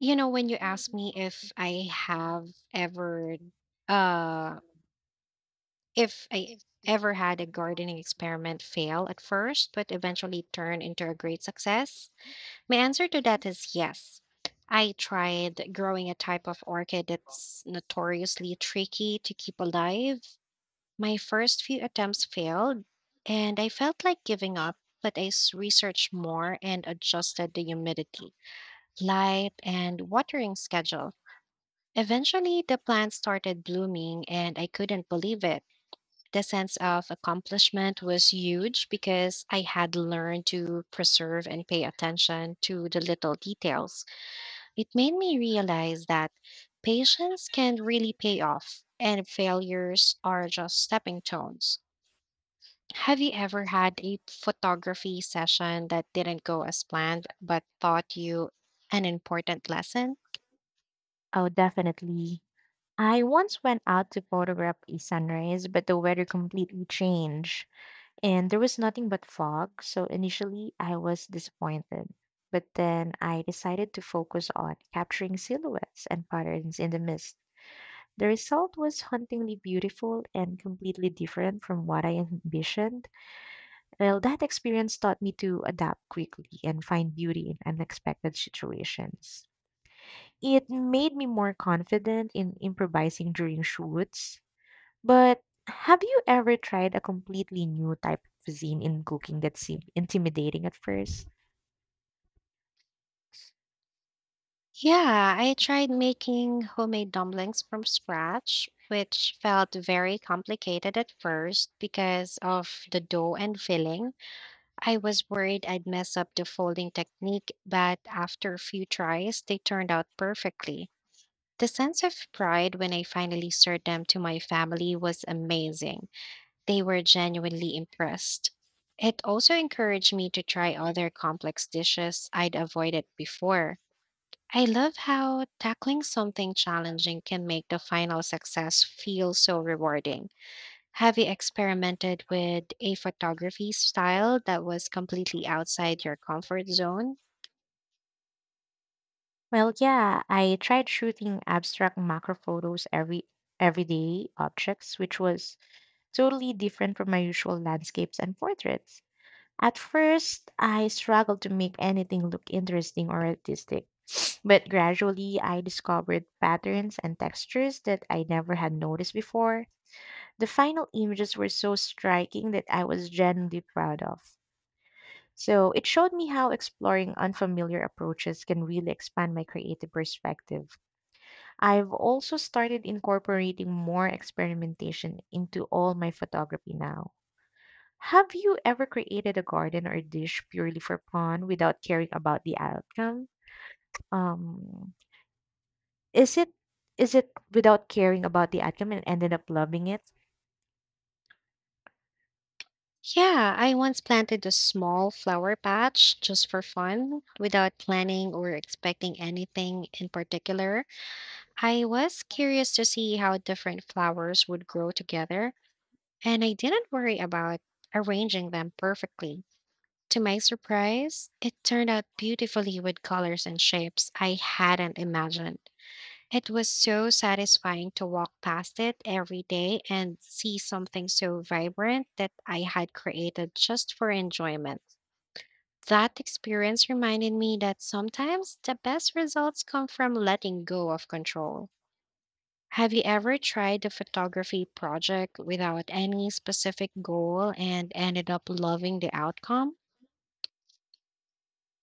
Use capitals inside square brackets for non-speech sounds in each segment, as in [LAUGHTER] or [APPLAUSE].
When you You know, ask they me ask me if I this thing, have ever uh um, if I if they ever had a haven't had. gardening experiment fail at first but eventually turn into a great success, my answer to that is yes. I tried growing a type of orchid that's notoriously tricky to keep alive. My first few attempts failed, and I felt like giving up, but researched more and adjusted the humidity, light, and watering schedule. Eventually, the plant started blooming, and I couldn't believe it. The sense of accomplishment was huge because I had learned to preserve and pay attention to the little details. It made me realize that patience can really pay off, and failures are just stepping stones. Have you ever had a photography session that didn't go as planned but taught you an important lesson? Oh, definitely. I once went out to photograph a sunrise, but the weather completely changed and there was nothing but fog. So initially, I was disappointed. But then I decided to focus on capturing silhouettes and patterns in the mist. The result was hauntingly beautiful and completely different from what I envisioned. Well, that experience taught me to adapt quickly and find beauty in unexpected situations. It made me more confident in improvising during shoots. But have you ever tried a completely new type of cuisine in cooking that seemed intimidating at first? Yeah, I tried making homemade dumplings from scratch, which felt very complicated at first because of the dough and filling. I was worried I'd mess up the folding technique, but after a few tries, they turned out perfectly. The sense of pride when I finally served them to my family was amazing. They were genuinely impressed. It also encouraged me to try other complex dishes I'd avoided before. I love how tackling something challenging can make the final success feel so rewarding. Have you experimented with a photography style that was completely outside your comfort zone? Well, yeah, I tried shooting abstract macro photos everyday objects, which was totally different from my usual landscapes and portraits. At first, I struggled to make anything look interesting or artistic, [SNIFFS] but gradually I discovered patterns and textures that I never had noticed before. The final images were so striking that I was genuinely proud of. So it showed me how exploring unfamiliar approaches can really expand my creative perspective. I've also started incorporating more experimentation into all my photography now. Have you ever created a garden or a dish purely for fun without caring about the outcome? Um, is it is it without caring about the outcome and ended up loving it? Yeah, I once planted a small flower patch just for fun without planning or expecting anything in particular. I was curious to see how different flowers would grow together, and I didn't worry about arranging them perfectly. To my surprise, it turned out beautifully with colors and shapes I hadn't imagined. It was so satisfying to walk past it every day and see something so vibrant that I had created just for enjoyment. That experience reminded me that sometimes the best results come from letting go of control. Have you ever tried a photography project without any specific goal and ended up loving the outcome?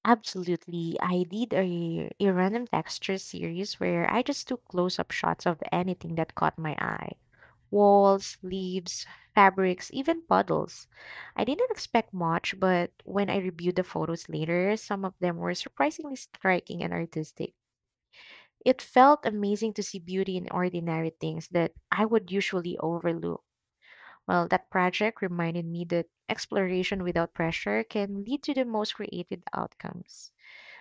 Absolutely. I did a random texture series where I just took close up shots of anything that caught my eye. Walls, leaves, fabrics, even puddles. I didn't expect much, but when I reviewed the photos later, some of them were surprisingly striking and artistic. It felt amazing to see beauty in ordinary things that I would usually overlook. Well, that project reminded me that exploration without pressure can lead to the most creative outcomes.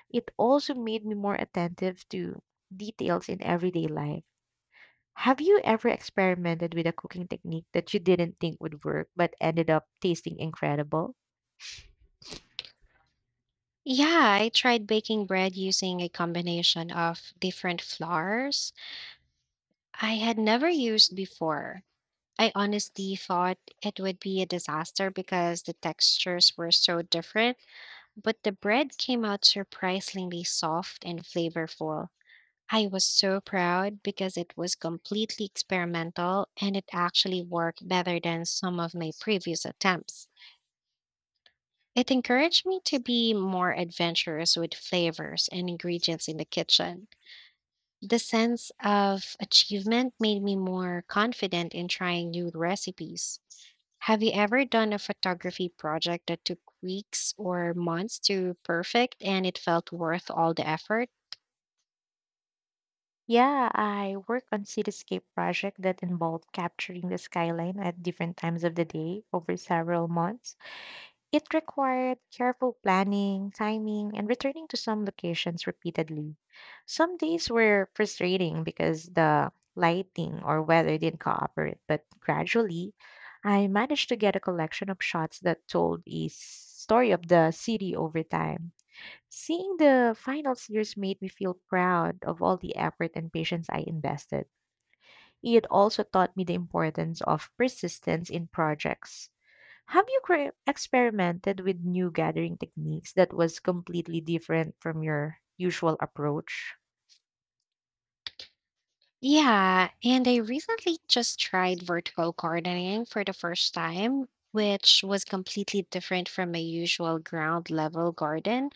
It also made me more attentive to details in everyday life. Have you ever experimented with a cooking technique that you didn't think would work but ended up tasting incredible? Yeah, I tried baking bread using a combination of different flours I had never used before. I honestly thought it would be a disaster because the textures were so different, but the bread came out surprisingly soft and flavorful. I was so proud because it was completely experimental and it actually worked better than some of my previous attempts. It encouraged me to be more adventurous with flavors and ingredients in the kitchen. The sense of achievement made me more confident in trying new recipes. Have you ever done a photography project that took weeks or months to perfect and it felt worth all the effort? Yeah, I worked on cityscape project that involved capturing the skyline at different times of the day over several months. It required careful planning, timing, and returning to some locations repeatedly. Some days were frustrating because the lighting or weather didn't cooperate, but gradually I managed to get a collection of shots that told story of the city over time. Seeing the final series made me feel proud of all the effort and patience I invested. It also taught me the importance of persistence in projects. Have you experimented with new gathering techniques that was completely different from your usual approach? Yeah, and I recently just tried vertical gardening for the first time, which was completely different from my usual ground level garden.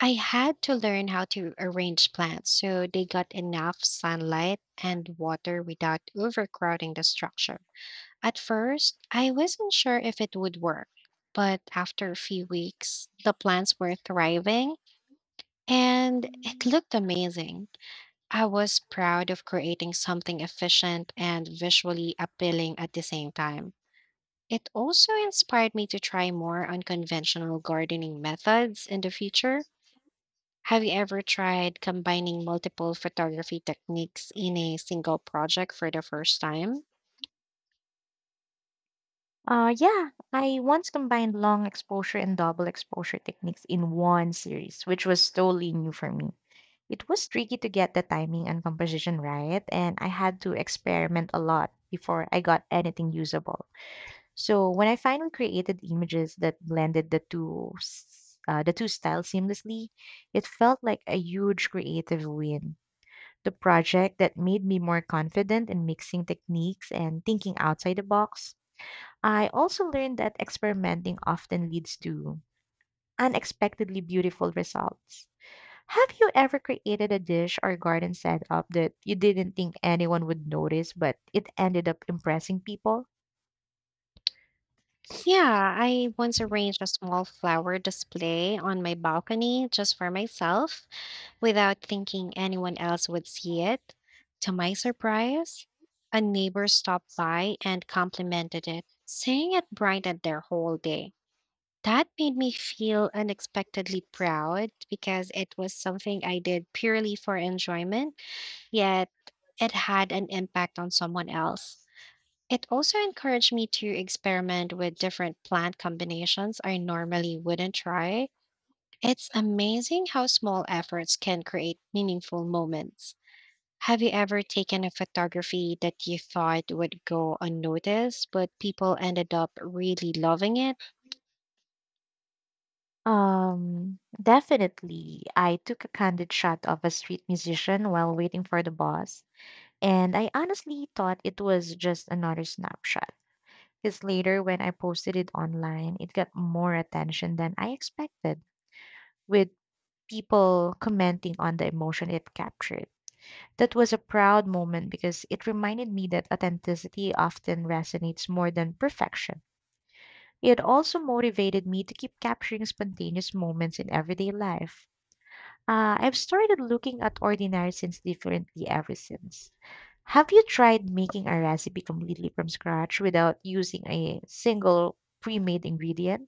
I had to learn how to arrange plants so they got enough sunlight and water without overcrowding the structure. At first, I wasn't sure if it would work, but after a few weeks, the plants were thriving and it looked amazing. I was proud of creating something efficient and visually appealing at the same time. It also inspired me to try more unconventional gardening methods in the future. Have you ever tried combining multiple photography techniques in a single project for the first time? Yeah, I once combined long exposure and double exposure techniques in one series, which was totally new for me. It was tricky to get the timing and composition right, and I had to experiment a lot before I got anything usable. So when I finally created images that blended the two styles seamlessly, it felt like a huge creative win. The project that made me more confident in mixing techniques and thinking outside the box. I also learned that experimenting often leads to unexpectedly beautiful results. Have you ever created a dish or garden setup that you didn't think anyone would notice, but it ended up impressing people? Yeah, I once arranged a small flower display on my balcony just for myself without thinking anyone else would see it. To my surprise, a neighbor stopped by and complimented it, saying it brightened their whole day. That made me feel unexpectedly proud because it was something I did purely for enjoyment, yet it had an impact on someone else. It also encouraged me to experiment with different plant combinations I normally wouldn't try. It's amazing how small efforts can create meaningful moments. Have you ever taken a photography that you thought would go unnoticed, but people ended up really loving it? Definitely. I took a candid shot of a street musician while waiting for the bus, and I honestly thought it was just another snapshot. Because later, when I posted it online, it got more attention than I expected, with people commenting on the emotion it captured. That was a proud moment because it reminded me that authenticity often resonates more than perfection. It also motivated me to keep capturing spontaneous moments in everyday life. I've started looking at ordinary sins differently ever since. Have you tried making a recipe completely from scratch without using a single pre made ingredient?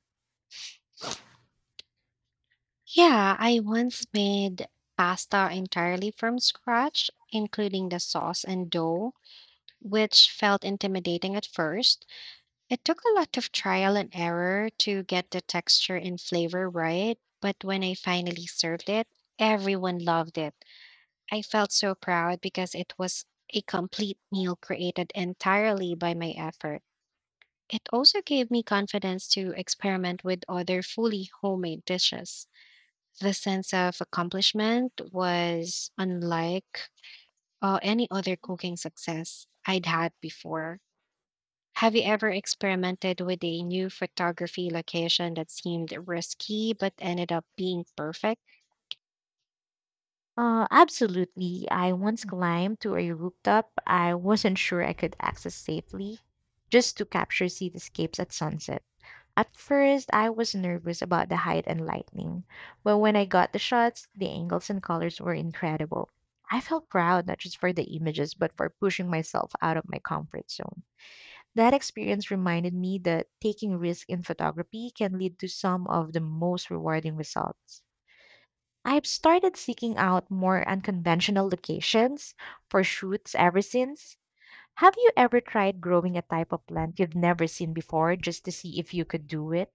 Yeah, I once made pasta entirely from scratch, including the sauce and dough, which felt intimidating at first. It took a lot of trial and error to get the texture and flavor right, but when I finally served it, everyone loved it. I felt so proud because it was a complete meal created entirely by my effort. It also gave me confidence to experiment with other fully homemade dishes. The sense of accomplishment was unlike any other cooking success I'd had before. Have you ever experimented with a new photography location that seemed risky but ended up being perfect? Absolutely. I once climbed to a rooftop I wasn't sure I could access safely just to capture cityscapes at sunset. At first, I was nervous about the height and lightning, but when I got the shots, the angles and colors were incredible. I felt proud not just for the images, but for pushing myself out of my comfort zone. That experience reminded me that taking risks in photography can lead to some of the most rewarding results. I've started seeking out more unconventional locations for shoots ever since. Have you ever tried growing a type of plant you've never seen before just to see if you could do it?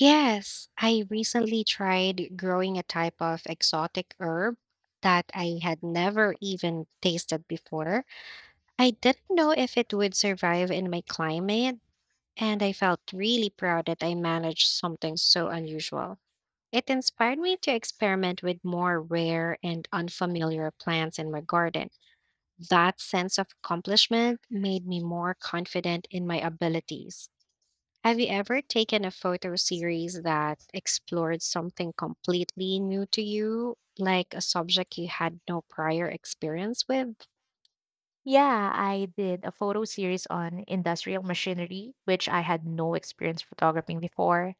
Yes, I recently tried growing a type of exotic herb that I had never even tasted before. I didn't know if it would survive in my climate, and I felt really proud that I managed something so unusual. It inspired me to experiment with more rare and unfamiliar plants in my garden. That sense of accomplishment made me more confident in my abilities. Have you ever taken a photo series that explored something completely new to you, like a subject you had no prior experience with? Yeah, I did a photo series on industrial machinery, which I had no experience photographing before.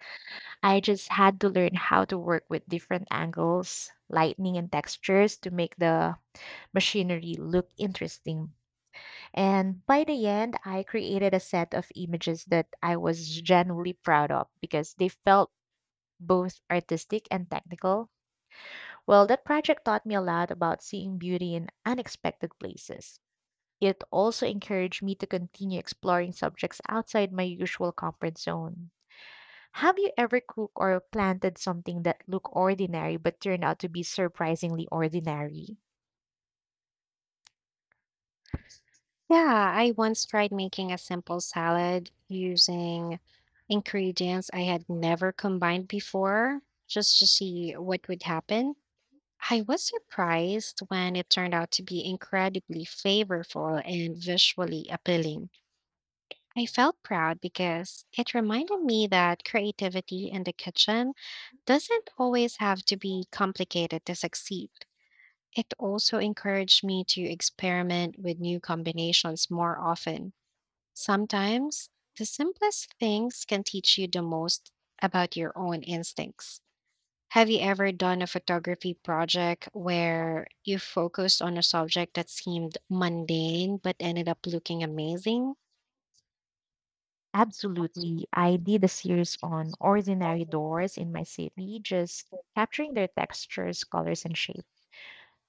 I just had to learn how to work with different angles, lighting, and textures to make the machinery look interesting. And by the end, I created a set of images that I was genuinely proud of because they felt both artistic and technical. Well, that project taught me a lot about seeing beauty in unexpected places. It also encouraged me to continue exploring subjects outside my usual comfort zone. Have you ever cooked or planted something that looked ordinary but turned out to be surprisingly ordinary? Yeah, I once tried making a simple salad using ingredients I had never combined before just to see what would happen. I was surprised when it turned out to be incredibly flavorful and visually appealing. I felt proud because it reminded me that creativity in the kitchen doesn't always have to be complicated to succeed. It also encouraged me to experiment with new combinations more often. Sometimes the simplest things can teach you the most about your own instincts. Have you ever done a photography project where you focused on a subject that seemed mundane but ended up looking amazing? Absolutely. I did a series on ordinary doors in my city, just capturing their textures, colors, and shape.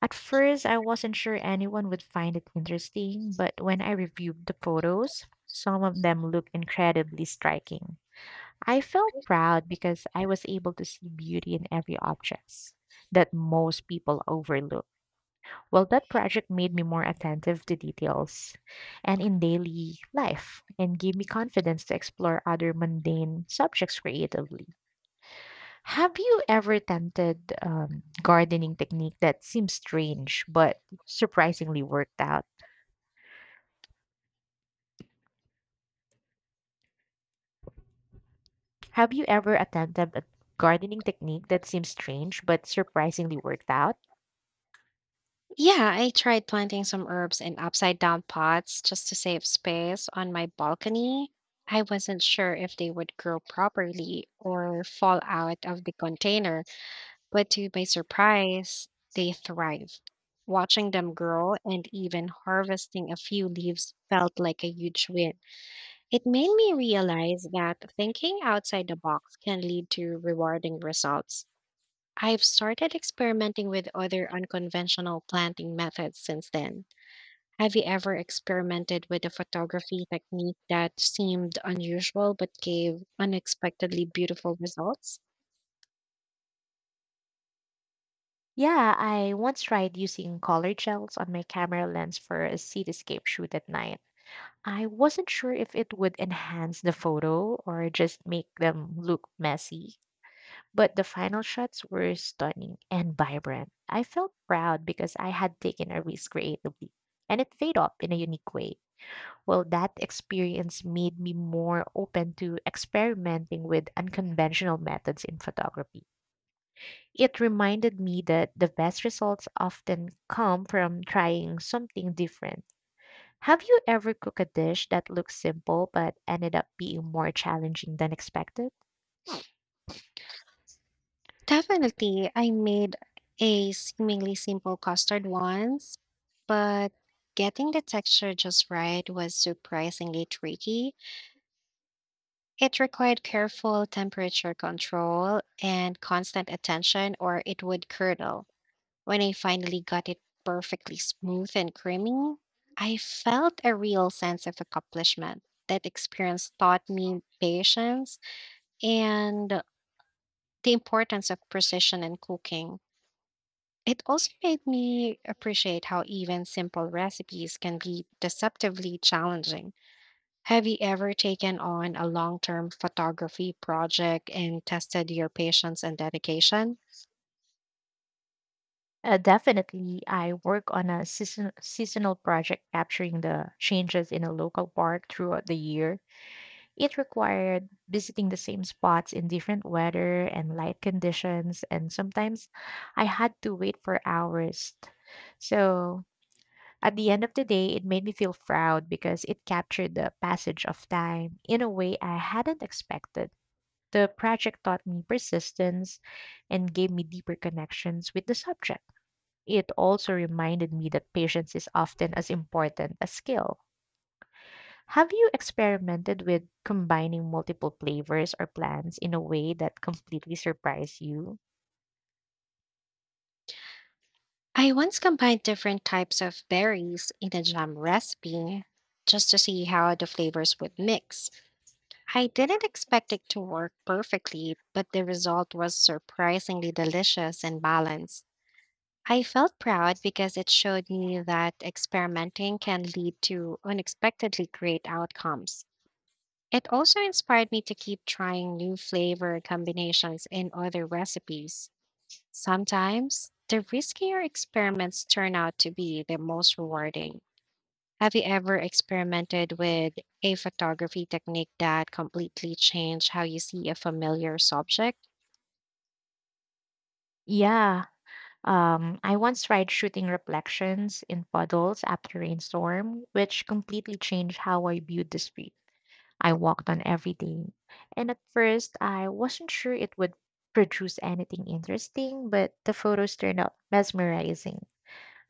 At first, I wasn't sure anyone would find it interesting, but when I reviewed the photos, some of them looked incredibly striking. I felt proud because I was able to see beauty in every object that most people overlook. Well, that project made me more attentive to details and in daily life and gave me confidence to explore other mundane subjects creatively. Have you ever attempted gardening technique that seems strange but surprisingly worked out? Have you ever attempted a gardening technique that seems strange but surprisingly worked out? Yeah, I tried planting some herbs in upside down pots just to save space on my balcony. I wasn't sure if they would grow properly or fall out of the container, but to my surprise, they thrive. Watching them grow and even harvesting a few leaves felt like a huge win. It made me realize that thinking outside the box can lead to rewarding results. I've started experimenting with other unconventional planting methods since then. Have you ever experimented with a photography technique that seemed unusual but gave unexpectedly beautiful results? Yeah, I once tried using color gels on my camera lens for a cityscape shoot at night. I wasn't sure if it would enhance the photo or just make them look messy, but the final shots were stunning and vibrant. I felt proud because I had taken a risk creatively, and it paid off in a unique way. Well, that experience made me more open to experimenting with unconventional methods in photography. It reminded me that the best results often come from trying something different. Have you ever cooked a dish that looked simple but ended up being more challenging than expected? Definitely, I made a seemingly simple custard once, but getting the texture just right was surprisingly tricky. It required careful temperature control and constant attention, or it would curdle. When I finally got it perfectly smooth and creamy, I felt a real sense of accomplishment. That experience taught me patience and the importance of precision in cooking. It also made me appreciate how even simple recipes can be deceptively challenging. Have you ever taken on a long term photography project and tested your patience and dedication? Definitely, I work on seasonal project capturing the changes in a local park throughout the year. It required visiting the same spots in different weather and light conditions, and sometimes I had to wait for hours. So, at the end of the day, it made me feel proud because it captured the passage of time in a way I hadn't expected. The project taught me persistence and gave me deeper connections with the subject. It also reminded me that patience is often as important as skill. Have you experimented with combining multiple flavors or plants in a way that completely surprised you? I once combined different types of berries in a jam recipe just to see how the flavors would mix. I didn't expect it to work perfectly, but the result was surprisingly delicious and balanced. I felt proud because it showed me that experimenting can lead to unexpectedly great outcomes. It also inspired me to keep trying new flavor combinations in other recipes. Sometimes the riskier experiments turn out to be the most rewarding. Have you ever experimented with a photography technique that completely changed how you see a familiar subject? Yeah, I once tried shooting reflections in puddles after rainstorm, which completely changed how I viewed the street. I walked on every day, and at first I wasn't sure it would produce anything interesting, but the photos turned out mesmerizing.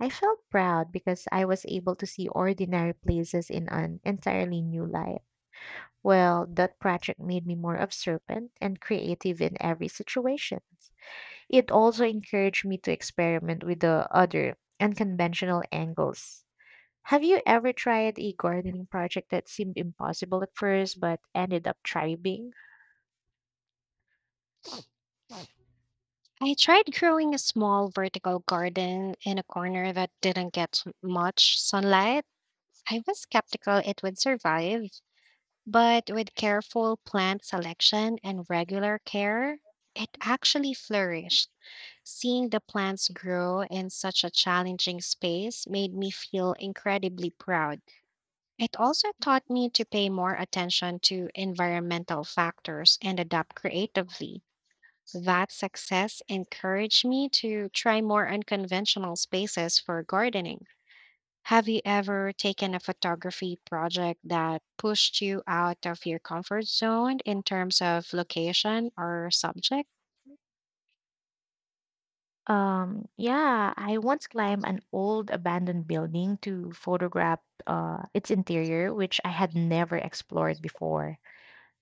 I felt proud because I was able to see ordinary places in an entirely new light. Well, that project made me more observant and creative in every situation. It also encouraged me to experiment with the other unconventional angles. Have you ever tried a gardening project that seemed impossible at first but ended up thriving? I tried growing a small vertical garden in a corner that didn't get much sunlight. I was skeptical it would survive, but with careful plant selection and regular care, it actually flourished. Seeing the plants grow in such a challenging space made me feel incredibly proud. It also taught me to pay more attention to environmental factors and adapt creatively. That success encouraged me to try more unconventional spaces for gardening. Have you ever taken a photography project that pushed you out of your comfort zone in terms of location or subject? Yeah, I once climbed an old abandoned building to photograph its interior, which I had never explored before.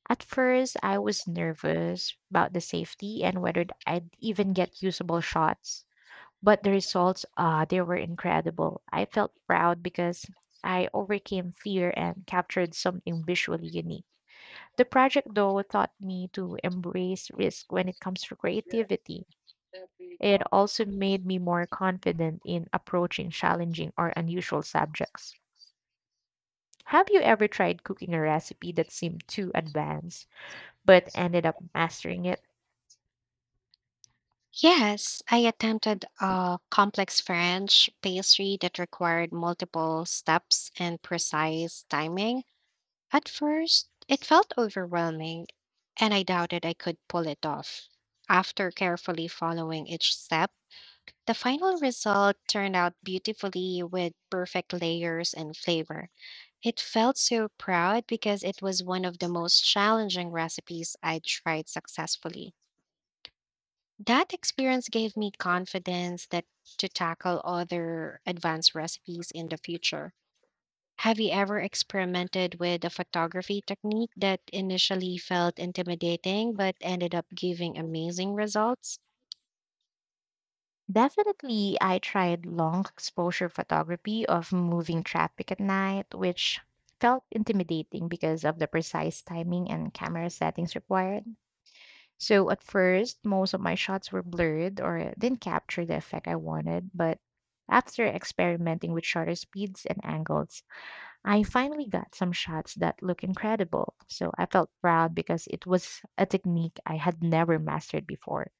At first, I was nervous about the safety and whether I'd even get usable shots. But the results, they were incredible. I felt proud because I overcame fear and captured something visually unique. The project, though, taught me to embrace risk when it comes to creativity. It also made me more confident in approaching challenging or unusual subjects. Have you ever tried cooking a recipe that seemed too advanced but ended up mastering it? Yes, I attempted a complex French pastry that required multiple steps and precise timing. At first, it felt overwhelming, and I doubted I could pull it off. After carefully following each step, the final result turned out beautifully with perfect layers and flavor. It felt so proud because it was one of the most challenging recipes I tried successfully. That experience gave me confidence that to tackle other advanced recipes in the future. Have you ever experimented with a photography technique that initially felt intimidating but ended up giving amazing results? Definitely, I tried long exposure photography of moving traffic at night, which felt intimidating because of the precise timing and camera settings required. So, at first, most of my shots were blurred or didn't capture the effect I wanted, but after experimenting with shutter speeds and angles, I finally got some shots that look incredible. So, I felt proud because it was a technique I had never mastered before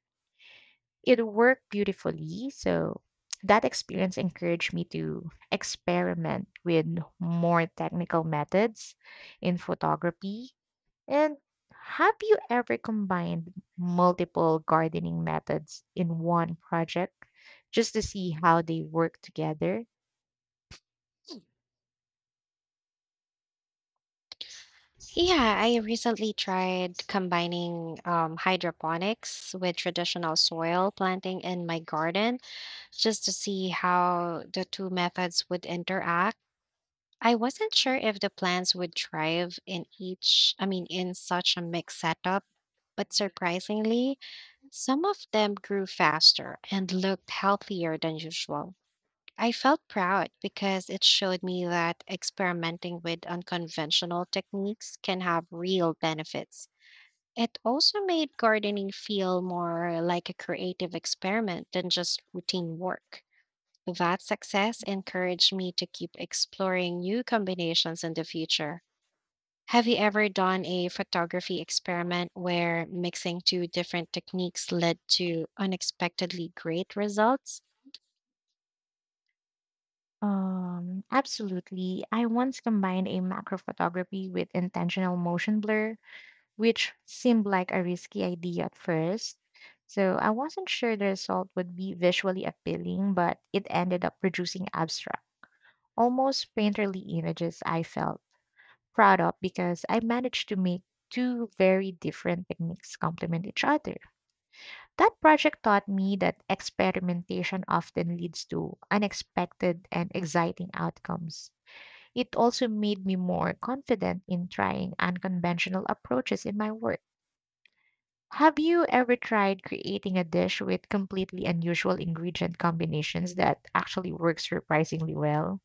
it worked beautifully. So that experience encouraged me to experiment with more technical methods in photography. And have you ever combined multiple gardening methods in one project just to see how they work together? Yeah, I recently tried combining hydroponics with traditional soil planting in my garden just to see how the two methods would interact. I wasn't sure if the plants would thrive in each, I mean, in such a mixed setup, but surprisingly, some of them grew faster and looked healthier than usual. I felt proud because it showed me that experimenting with unconventional techniques can have real benefits. It also made gardening feel more like a creative experiment than just routine work. That success encouraged me to keep exploring new combinations in the future. Have you ever done a photography experiment where mixing two different techniques led to unexpectedly great results? Absolutely. I once combined a macro photography with intentional motion blur which seemed like a risky idea at first. So I wasn't sure the result would be visually appealing, but it ended up producing abstract, almost painterly images I felt proud of because I managed to make two very different techniques complement each other. That project taught me that experimentation often leads to unexpected and exciting outcomes. It also made me more confident in trying unconventional approaches in my work. Have you ever tried creating a dish with completely unusual ingredient combinations that actually works surprisingly well?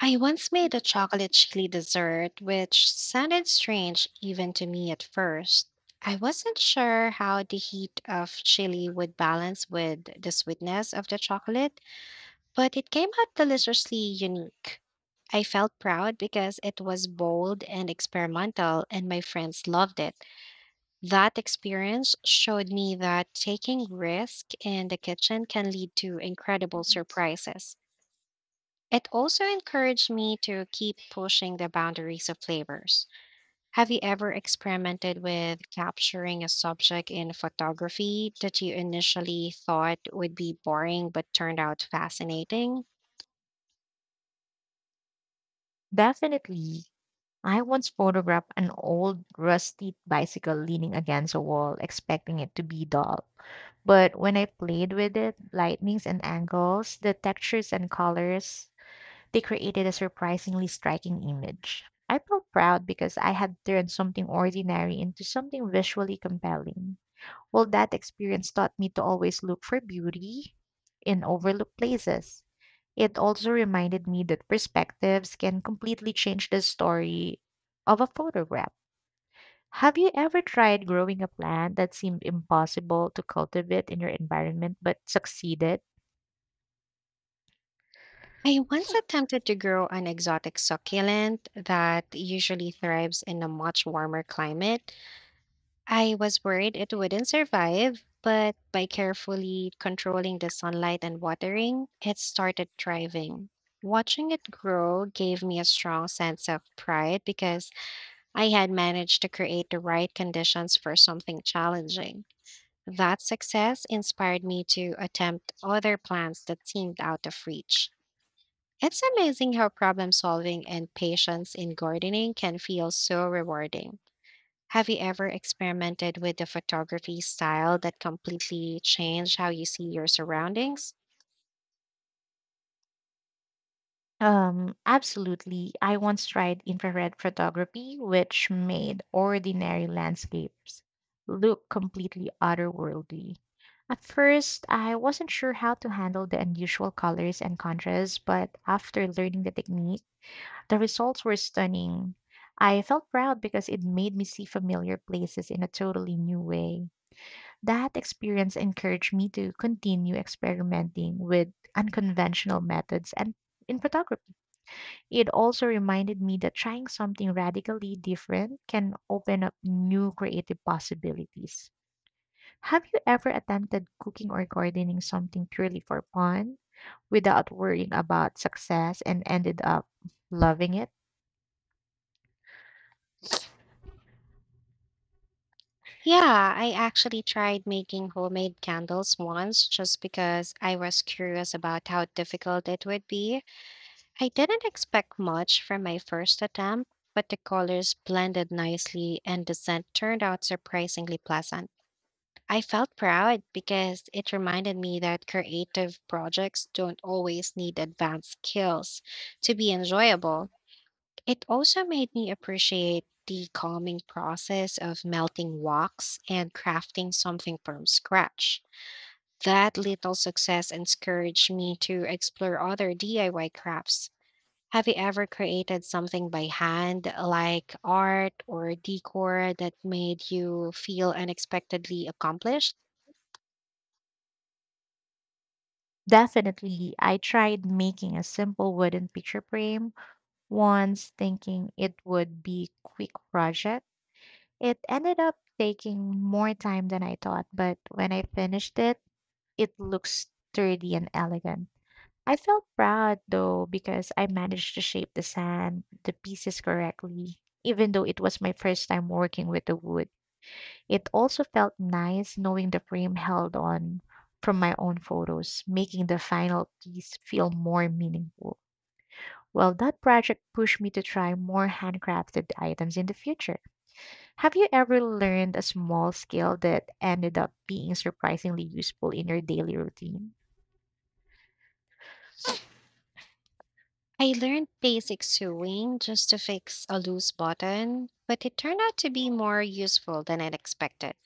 I once made a chocolate chili dessert, which sounded strange even to me at first. I wasn't sure how the heat of chili would balance with the sweetness of the chocolate, but it came out deliciously unique. I felt proud because it was bold and experimental, and my friends loved it. That experience showed me that taking risk in the kitchen can lead to incredible surprises. It also encouraged me to keep pushing the boundaries of flavors. Have you ever experimented with capturing a subject in photography that you initially thought would be boring but turned out fascinating? Definitely. I once photographed an old rusty bicycle leaning against a wall, expecting it to be dull. But when I played with it, lightnings and angles, the textures and colors, they created a surprisingly striking image. I felt proud because I had turned something ordinary into something visually compelling. Well, that experience taught me to always look for beauty in overlooked places. It also reminded me that perspectives can completely change the story of a photograph. Have you ever tried growing a plant that seemed impossible to cultivate in your environment but succeeded? I once attempted to grow an exotic succulent that usually thrives in a much warmer climate. I was worried it wouldn't survive, but by carefully controlling the sunlight and watering, it started thriving. Watching it grow gave me a strong sense of pride because I had managed to create the right conditions for something challenging. That success inspired me to attempt other plants that seemed out of reach. It's amazing how problem solving and patience in gardening can feel so rewarding. Have you ever experimented with a photography style that completely changed how you see your surroundings? Absolutely. I once tried infrared photography, which made ordinary landscapes look completely otherworldly. At first, I wasn't sure how to handle the unusual colors and contrasts, but after learning the technique, the results were stunning. I felt proud because it made me see familiar places in a totally new way. That experience encouraged me to continue experimenting with unconventional methods and in photography. It also reminded me that trying something radically different can open up new creative possibilities. Have you ever attempted cooking or gardening something purely for fun without worrying about success and ended up loving it? Yeah, I actually tried making homemade candles once just because I was curious about how difficult it would be. I didn't expect much from my first attempt, but the colors blended nicely and the scent turned out surprisingly pleasant. I felt proud because it reminded me that creative projects don't always need advanced skills to be enjoyable. It also made me appreciate the calming process of melting wax and crafting something from scratch. That little success encouraged me to explore other DIY crafts. Have you ever created something by hand, like art or decor, that made you feel unexpectedly accomplished? Definitely, I tried making a simple wooden picture frame once, thinking it would be quick project. It ended up taking more time than I thought, but when I finished it, it looks sturdy and elegant. I felt proud though because I managed to shape the sand, the pieces correctly. Even though it was my first time working with the wood, it also felt nice knowing the frame held on from my own photos, making the final piece feel more meaningful. Well, that project pushed me to try more handcrafted items in the future. Have you ever learned a small skill that ended up being surprisingly useful in your daily routine? I learned basic sewing just to fix a loose button, but it turned out to be more useful than I'd expected.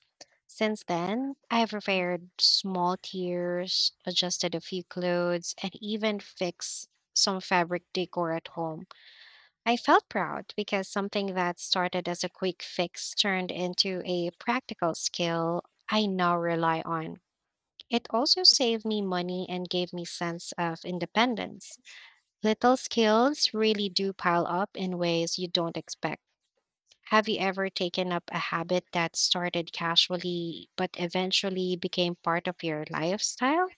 Since then, I've repaired small tears, adjusted a few clothes, and even fixed some fabric decor at home. I felt proud because something that started as a quick fix turned into a practical skill I now rely on. It also saved me money and gave me sense of independence. Little skills really do pile up in ways you don't expect. Have you ever taken up a habit that started casually but eventually became part of your lifestyle?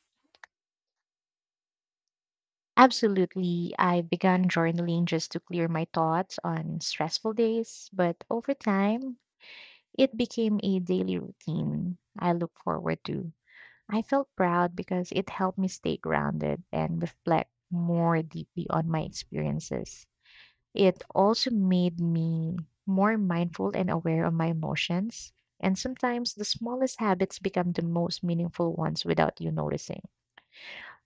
Absolutely. I began journaling just to clear my thoughts on stressful days, but over time, it became a daily routine I look forward to. I felt proud because it helped me stay grounded and reflect more deeply on my experiences. It also made me more mindful and aware of my emotions. And sometimes the smallest habits become the most meaningful ones without you noticing.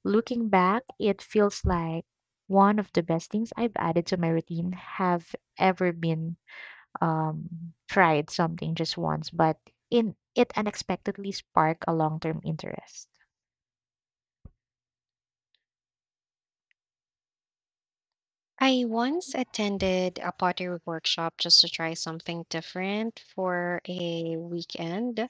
Looking back, it feels like one of the best things I've added to my routine have ever been tried something just once, but in it unexpectedly sparked a long term interest. I once attended a pottery workshop just to try something different for a weekend.